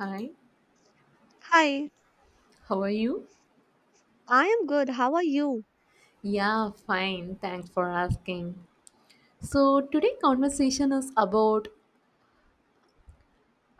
Hi, Hi, how are you? I am good. How are you? Yeah, fine. Thanks for asking. So, today conversation is about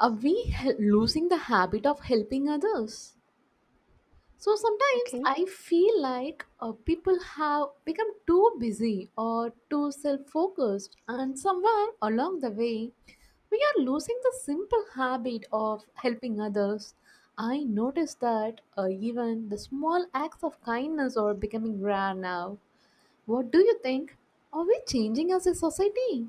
are we losing the habit of helping others? So, sometimes Okay. I feel like people have become too busy or too self-focused and somewhere along the way we are losing the simple habit of helping others. I noticed that even the small acts of kindness are becoming rare now. What do you think? Are we changing as a society?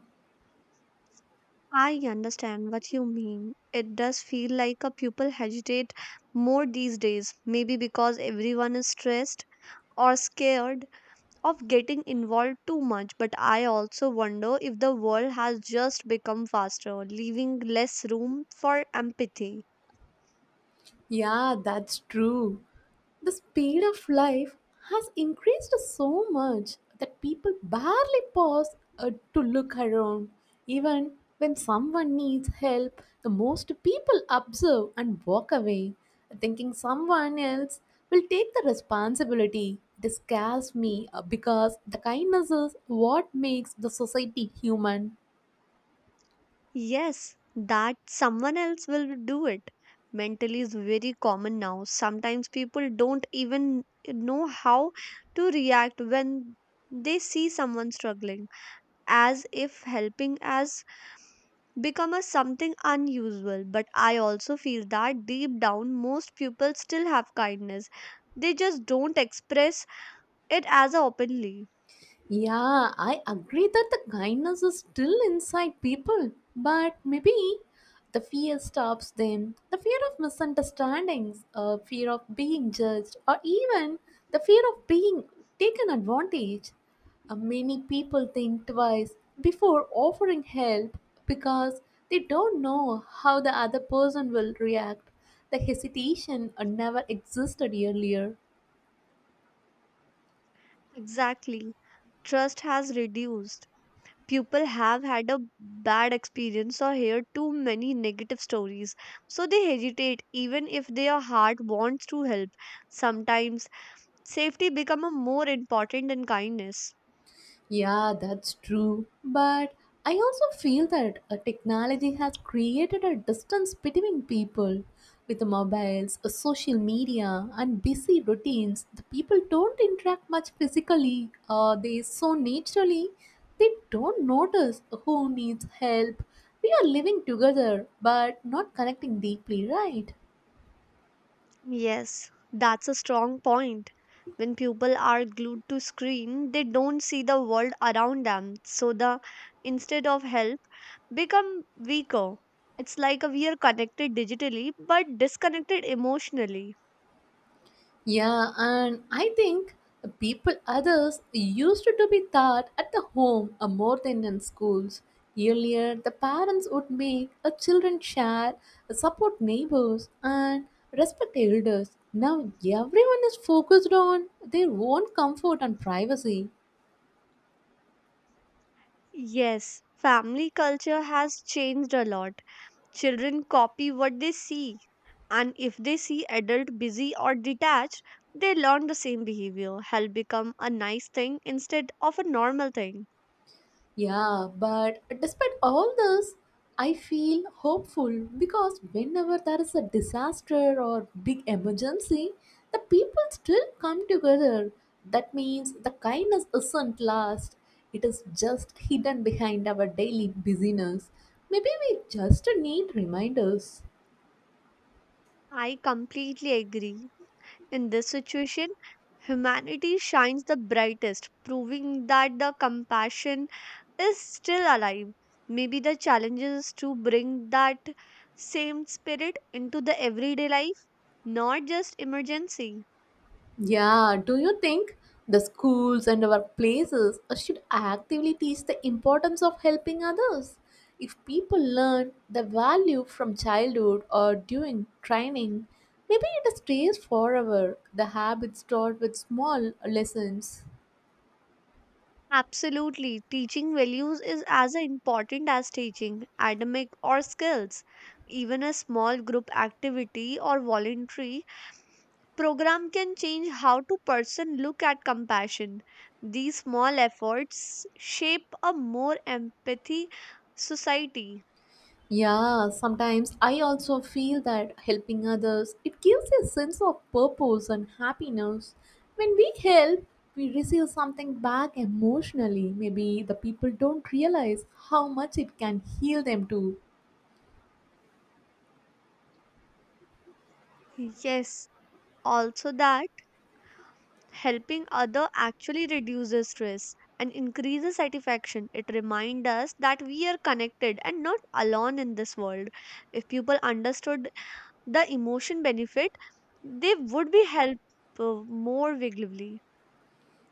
I understand what you mean. It does feel like a pupil hesitate more these days, maybe because everyone is stressed or scared of getting involved too much. But I also wonder if the world has just become faster, leaving less room for empathy. Yeah, that's true. The speed of life has increased so much that people barely pause to look around. Even when someone needs help, the most people observe and walk away, thinking someone else will take the responsibility. This scares me because the kindness is what makes the society human. Yes, that someone else will do it. Mentally is very common now. Sometimes people don't even know how to react when they see someone struggling, as if helping has become a something unusual. But I also feel that deep down, most people still have kindness. They just don't express it as openly. Yeah, I agree that the kindness is still inside people, but maybe the fear stops them. The fear of misunderstandings, fear of being judged, or even the fear of being taken advantage. Many people think twice before offering help because they don't know how the other person will react. The hesitation never existed earlier. Exactly. Trust has reduced. People have had a bad experience or hear too many negative stories, so they hesitate even if their heart wants to help. Sometimes safety become a more important than kindness. Yeah, that's true. But I also feel that technology has created a distance between people. With the mobiles, social media, and busy routines, the people don't interact much physically. They so naturally, they don't notice who needs help. We are living together, but not connecting deeply, right? Yes, that's a strong point. When people are glued to screen, they don't see the world around them, so the instead of help become weaker. It's like we are connected digitally but disconnected emotionally. Yeah, and I think the people others used to be taught at the home more than in schools. Earlier, the parents would make a children share, support neighbors, and respect elders. Now, everyone is focused on their own comfort and privacy. Yes, family culture has changed a lot. Children copy what they see, and if they see adult busy or detached, they learn the same behavior. Help become a nice thing instead of a normal thing. Yeah, but despite all this, I feel hopeful because whenever there is a disaster or big emergency, the people still come together. That means the kindness isn't lost, it is just hidden behind our daily busyness. Maybe we just need reminders. I completely agree. In this situation, humanity shines the brightest, proving that the compassion is still alive. Maybe the challenge is to bring that same spirit into the everyday life, not just emergency. Yeah, do you think the schools and our places should actively teach the importance of helping others? If people learn the value from childhood or during training, maybe it stays forever. The habits taught with small lessons. Absolutely. Teaching values is as important as teaching academic or skills. Even a small group activity or voluntary program can change how to person look at compassion. These small efforts shape a more empathy society. Yeah, sometimes I also feel that helping others it gives a sense of purpose and happiness. When we help, we receive something back emotionally. Maybe the people don't realize how much it can heal them too. Yes, also that helping other actually reduces stress and increases satisfaction. It reminds us that we are connected and not alone in this world. If people understood the emotion benefit, they would be helped more vigilantly.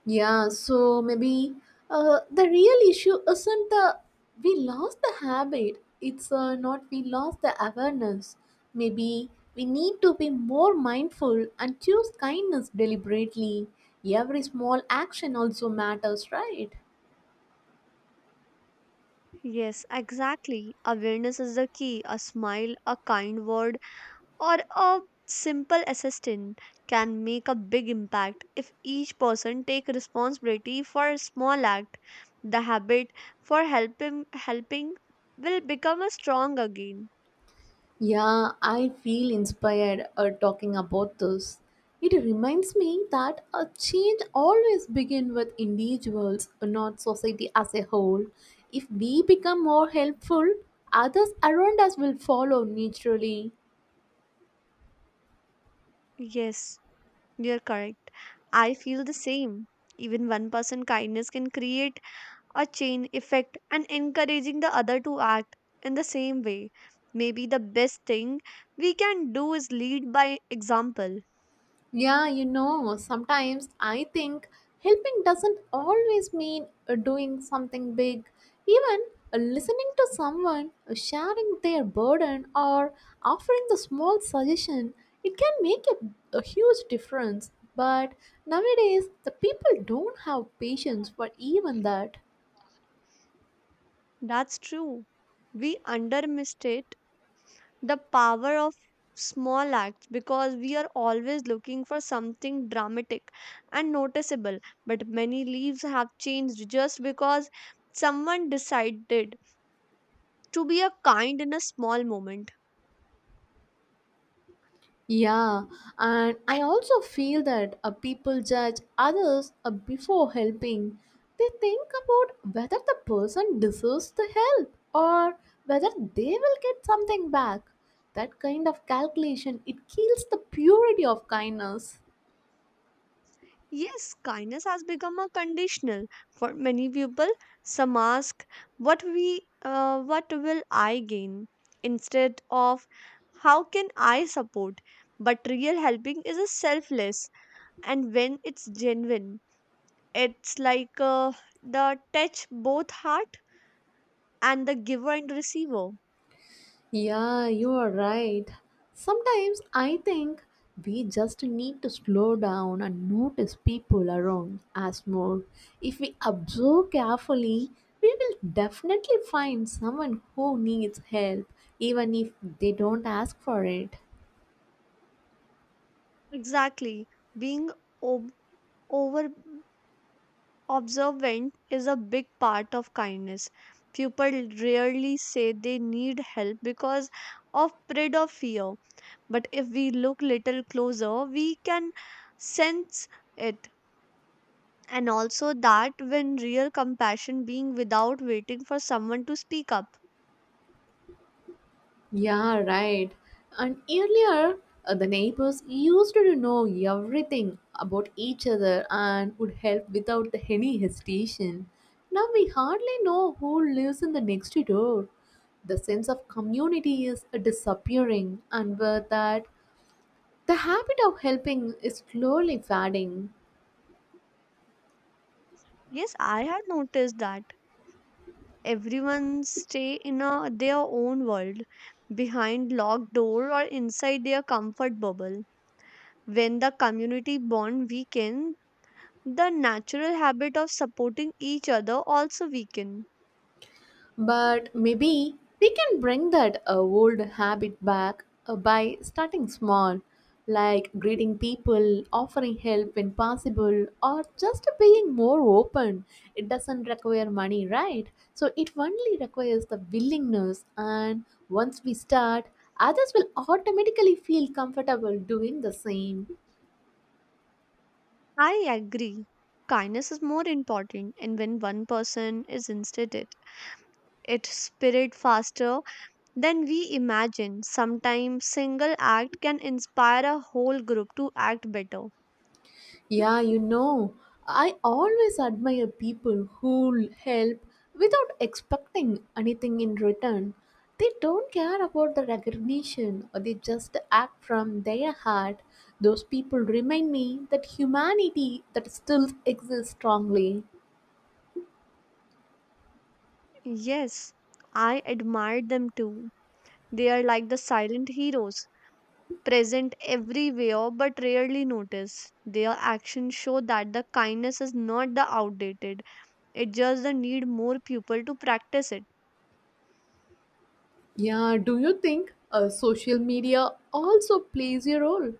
Yeah, so maybe the real issue isn't the we lost the habit, it's not we lost the awareness. Maybe we need to be more mindful and choose kindness deliberately. Every small action also matters, right? Yes, exactly, awareness is the key. A smile, a kind word, or a simple assistant can make a big impact. If each person take responsibility for a small act, the habit for helping will become a strong again. Yeah, I feel inspired talking about this. It reminds me that a change always begins with individuals, not society as a whole. If we become more helpful, others around us will follow naturally. Yes, you're correct. I feel the same. Even one person kindness can create a chain effect and encouraging the other to act in the same way. Maybe the best thing we can do is lead by example. Yeah, you know, sometimes I think helping doesn't always mean doing something big. Even listening to someone, sharing their burden, or offering the small suggestion, it can make a huge difference. But nowadays, the people don't have patience for even that. That's true. We underestimate the power of small acts because we are always looking for something dramatic and noticeable. But many leaves have changed just because someone decided to be a kind in a small moment. Yeah, and I also feel that people judge others before helping. They think about whether the person deserves the help or whether they will get something back. That kind of calculation it kills the purity of kindness. Yes, kindness has become a conditional for many people. Some ask, "What what will I gain?" instead of, "How can I support?" But real helping is a selfless, and when it's genuine, it's like the touch both heart and the giver and receiver. Yeah, you are right. Sometimes I think we just need to slow down and notice people around us more. If we observe carefully, we will definitely find someone who needs help, even if they don't ask for it. Exactly, being ob- over observant is a big part of kindness. People rarely say they need help because of dread or fear, but if we look little closer, we can sense it. And also that when real compassion being without waiting for someone to speak up. Yeah, right. And earlier, the neighbors used to know everything about each other and would help without any hesitation. Now we hardly know who lives in the next door. The sense of community is disappearing, and with that, the habit of helping is slowly fading. Yes, I have noticed that everyone stay in a, their own world behind locked door or inside their comfort bubble. When the community bond weaken, the natural habit of supporting each other also weaken. But maybe we can bring that old habit back by starting small, like greeting people, offering help when possible, or just being more open. It doesn't require money, right? So it only requires the willingness, and once we start, others will automatically feel comfortable doing the same. I agree. Kindness is more important, and when one person is instead it, it spread faster than we imagine. Sometimes single act can inspire a whole group to act better. Yeah, you know, I always admire people who help without expecting anything in return. They don't care about the recognition or they just act from their heart. Those people remind me that humanity that still exists strongly. Yes, I admire them too. They are like the silent heroes, present everywhere but rarely noticed. Their actions show that the kindness is not the outdated. It just the need more people to practice it. Yeah, do you think social media also plays a role?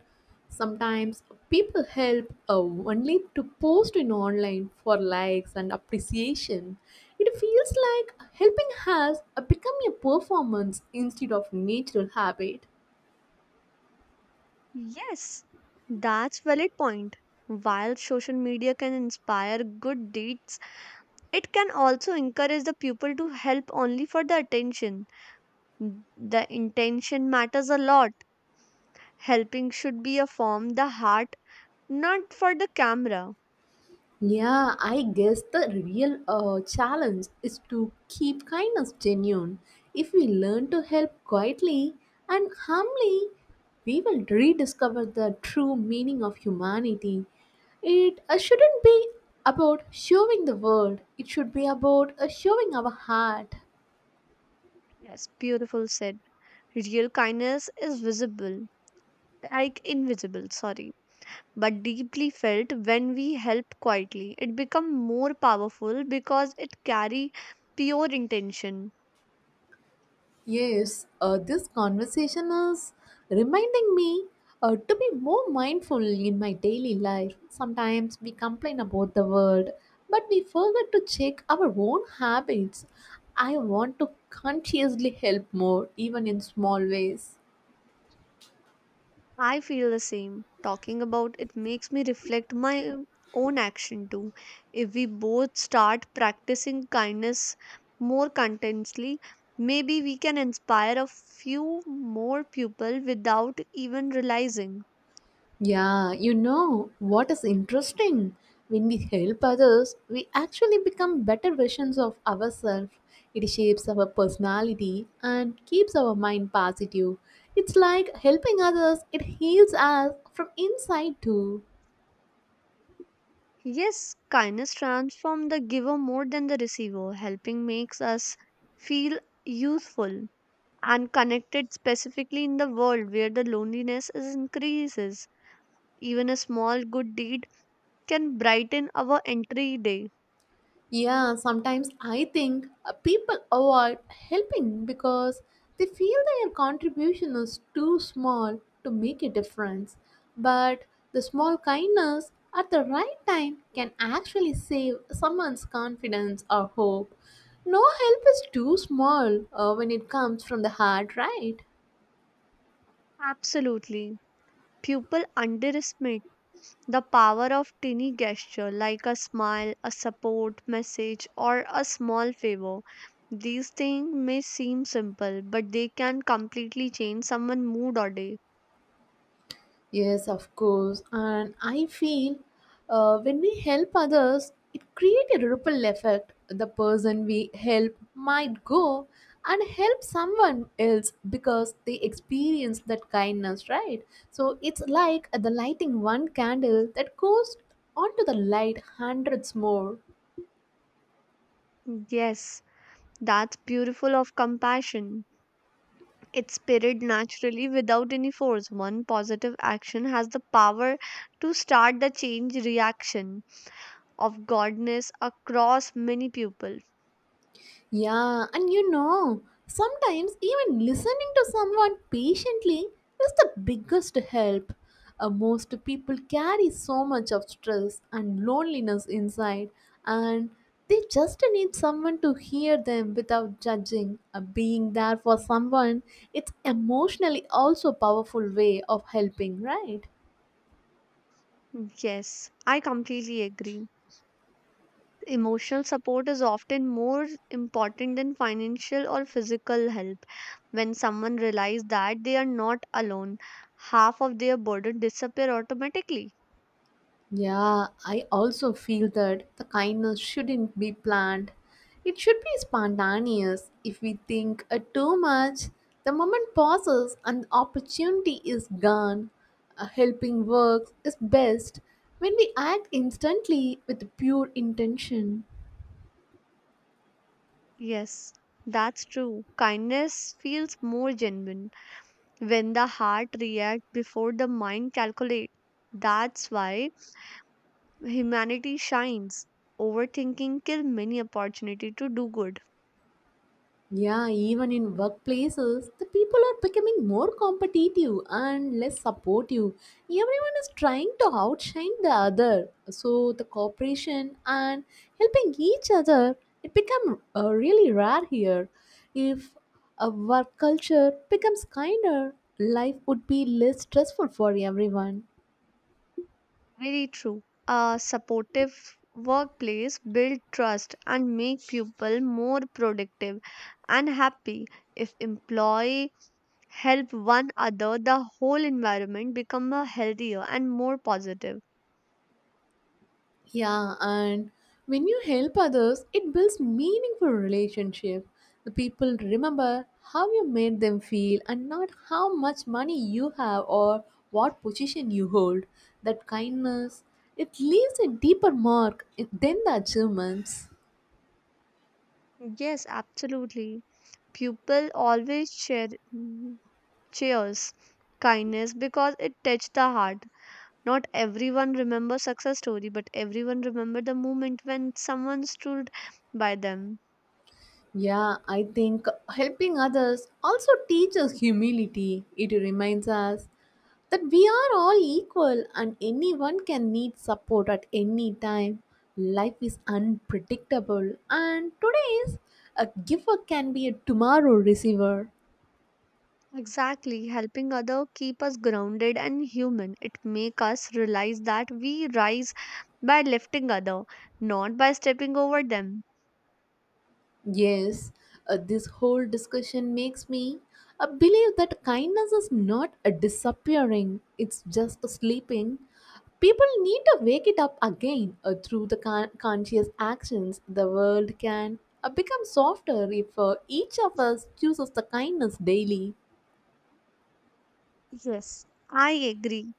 Sometimes people help only to post in online for likes and appreciation. It feels like helping has become a performance instead of natural habit. Yes, that's valid point. While social media can inspire good deeds, it can also encourage the people to help only for the attention. N- The intention matters a lot. Helping should be a form the heart, not for the camera. Yeah, I guess the real challenge is to keep kindness genuine. If we learn to help quietly and humbly, we will rediscover the true meaning of humanity. It shouldn't be about showing the world, it should be about showing our heart. Yes, beautiful said. Real kindness is visible, like invisible, sorry, but deeply felt when we help quietly. It becomes more powerful because it carry pure intention. Yes, this conversation is reminding me to be more mindful in my daily life. Sometimes we complain about the world, but we forget to check our own habits. I want to consciously help more, even in small ways. I feel the same. Talking about it makes me reflect my own action too. If we both start practicing kindness more contentiously, maybe we can inspire a few more people without even realizing. Yeah, you know what is interesting? When we help others, we actually become better versions of ourselves. It shapes our personality and keeps our mind positive. It's like helping others, it heals us from inside too. Yes, kindness transforms the giver more than the receiver. Helping makes us feel useful and connected, specifically in the world where the loneliness is increases. Even a small good deed can brighten our entry day. Yeah, sometimes I think people avoid helping because they feel their contribution is too small to make a difference. But the small kindness at the right time can actually save someone's confidence or hope. No help is too small when it comes from the heart, right? Absolutely. People underestimate the power of tiny gesture like a smile, a support message, or a small favor. These things may seem simple, but they can completely change someone's mood or day. Yes, of course. And I feel when we help others, it creates a ripple effect. The person we help might go and help someone else because they experience that kindness, right? So it's like the lighting one candle that goes onto the light hundreds more. Yes, that's beautiful of compassion. It's spirit naturally without any force. One positive action has the power to start the change reaction of godness across many people. Yeah, and you know, sometimes even listening to someone patiently is the biggest help. Most people carry so much of stress and loneliness inside, and they just need someone to hear them without judging. Being there for someone, it's emotionally also a powerful way of helping, right? Yes, I completely agree. Emotional support is often more important than financial or physical help. When someone realizes that they are not alone, half of their burden disappear automatically. Yeah, I also feel that the kindness shouldn't be planned. It should be spontaneous. If we think too much, the moment passes and the opportunity is gone. Helping works is best when we act instantly with pure intention. Yes, that's true. Kindness feels more genuine when the heart reacts before the mind calculates. That's why humanity shines. Overthinking kills many opportunity to do good. Yeah, even in workplaces, the people are becoming more competitive and less supportive. Everyone is trying to outshine the other. So the cooperation and helping each other it become really rare here. If a work culture becomes kinder, life would be less stressful for everyone. Very true. A supportive workplace builds trust and make people more productive and happy. If employee help one another, the whole environment become a healthier and more positive. Yeah, and when you help others, it builds meaningful relationship. The people remember how you made them feel and not how much money you have or what position you hold. That kindness, it leaves a deeper mark than the achievements. Yes, absolutely. People always share mm, cheers kindness because it touched the heart. Not everyone remembers success story, but everyone remember the moment when someone stood by them. Yeah, I think helping others also teaches humility. It reminds us that we are all equal and anyone can need support at any time. Life is unpredictable, and today's a giver can be a tomorrow receiver. Exactly, helping other keep us grounded and human. It make us realize that we rise by lifting other, not by stepping over them. Yes, this whole discussion makes me believe that kindness is not a disappearing, it's just a sleeping. People need to wake it up again through the conscious actions. The world can become softer if each of us chooses the kindness daily. Yes, I agree.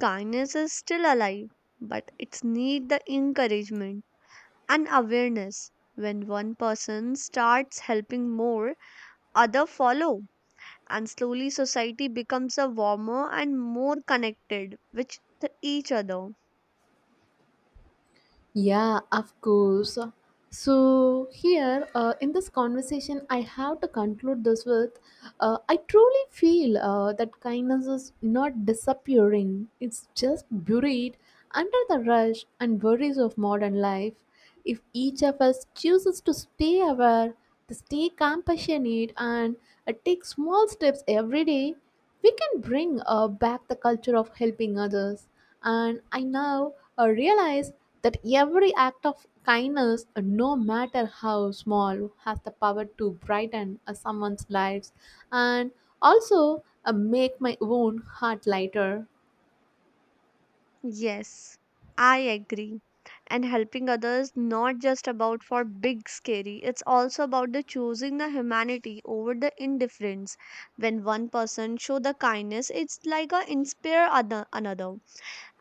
Kindness is still alive, but it's need the encouragement and awareness. When one person starts helping more, other follow, and slowly society becomes a warmer and more connected with each other. Yeah, of course. So, here in this conversation, I have to conclude this with I truly feel that kindness is not disappearing, it's just buried under the rush and worries of modern life. If each of us chooses to stay aware, to stay compassionate, and take small steps every day, we can bring back the culture of helping others, and I now realize that every act of kindness, no matter how small, has the power to brighten someone's lives, and also make my own heart lighter. Yes, I agree. And helping others not just about for big scary, it's also about the choosing the humanity over the indifference. When one person show the kindness, it's like a inspire other another,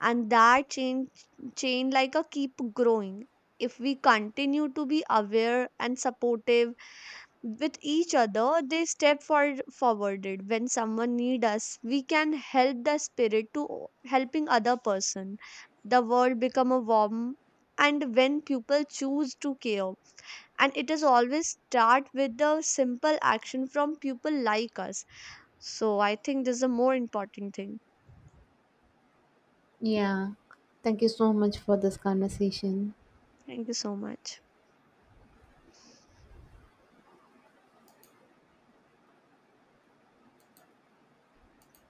and that chain like a keep growing. If we continue to be aware and supportive with each other, they forwarded when someone need us, we can help the spirit to helping other person. The world become a warm and when people choose to care, and it is always start with the simple action from people like us. So I think this is a more important thing. Yeah, thank you so much for this conversation. Thank you so much.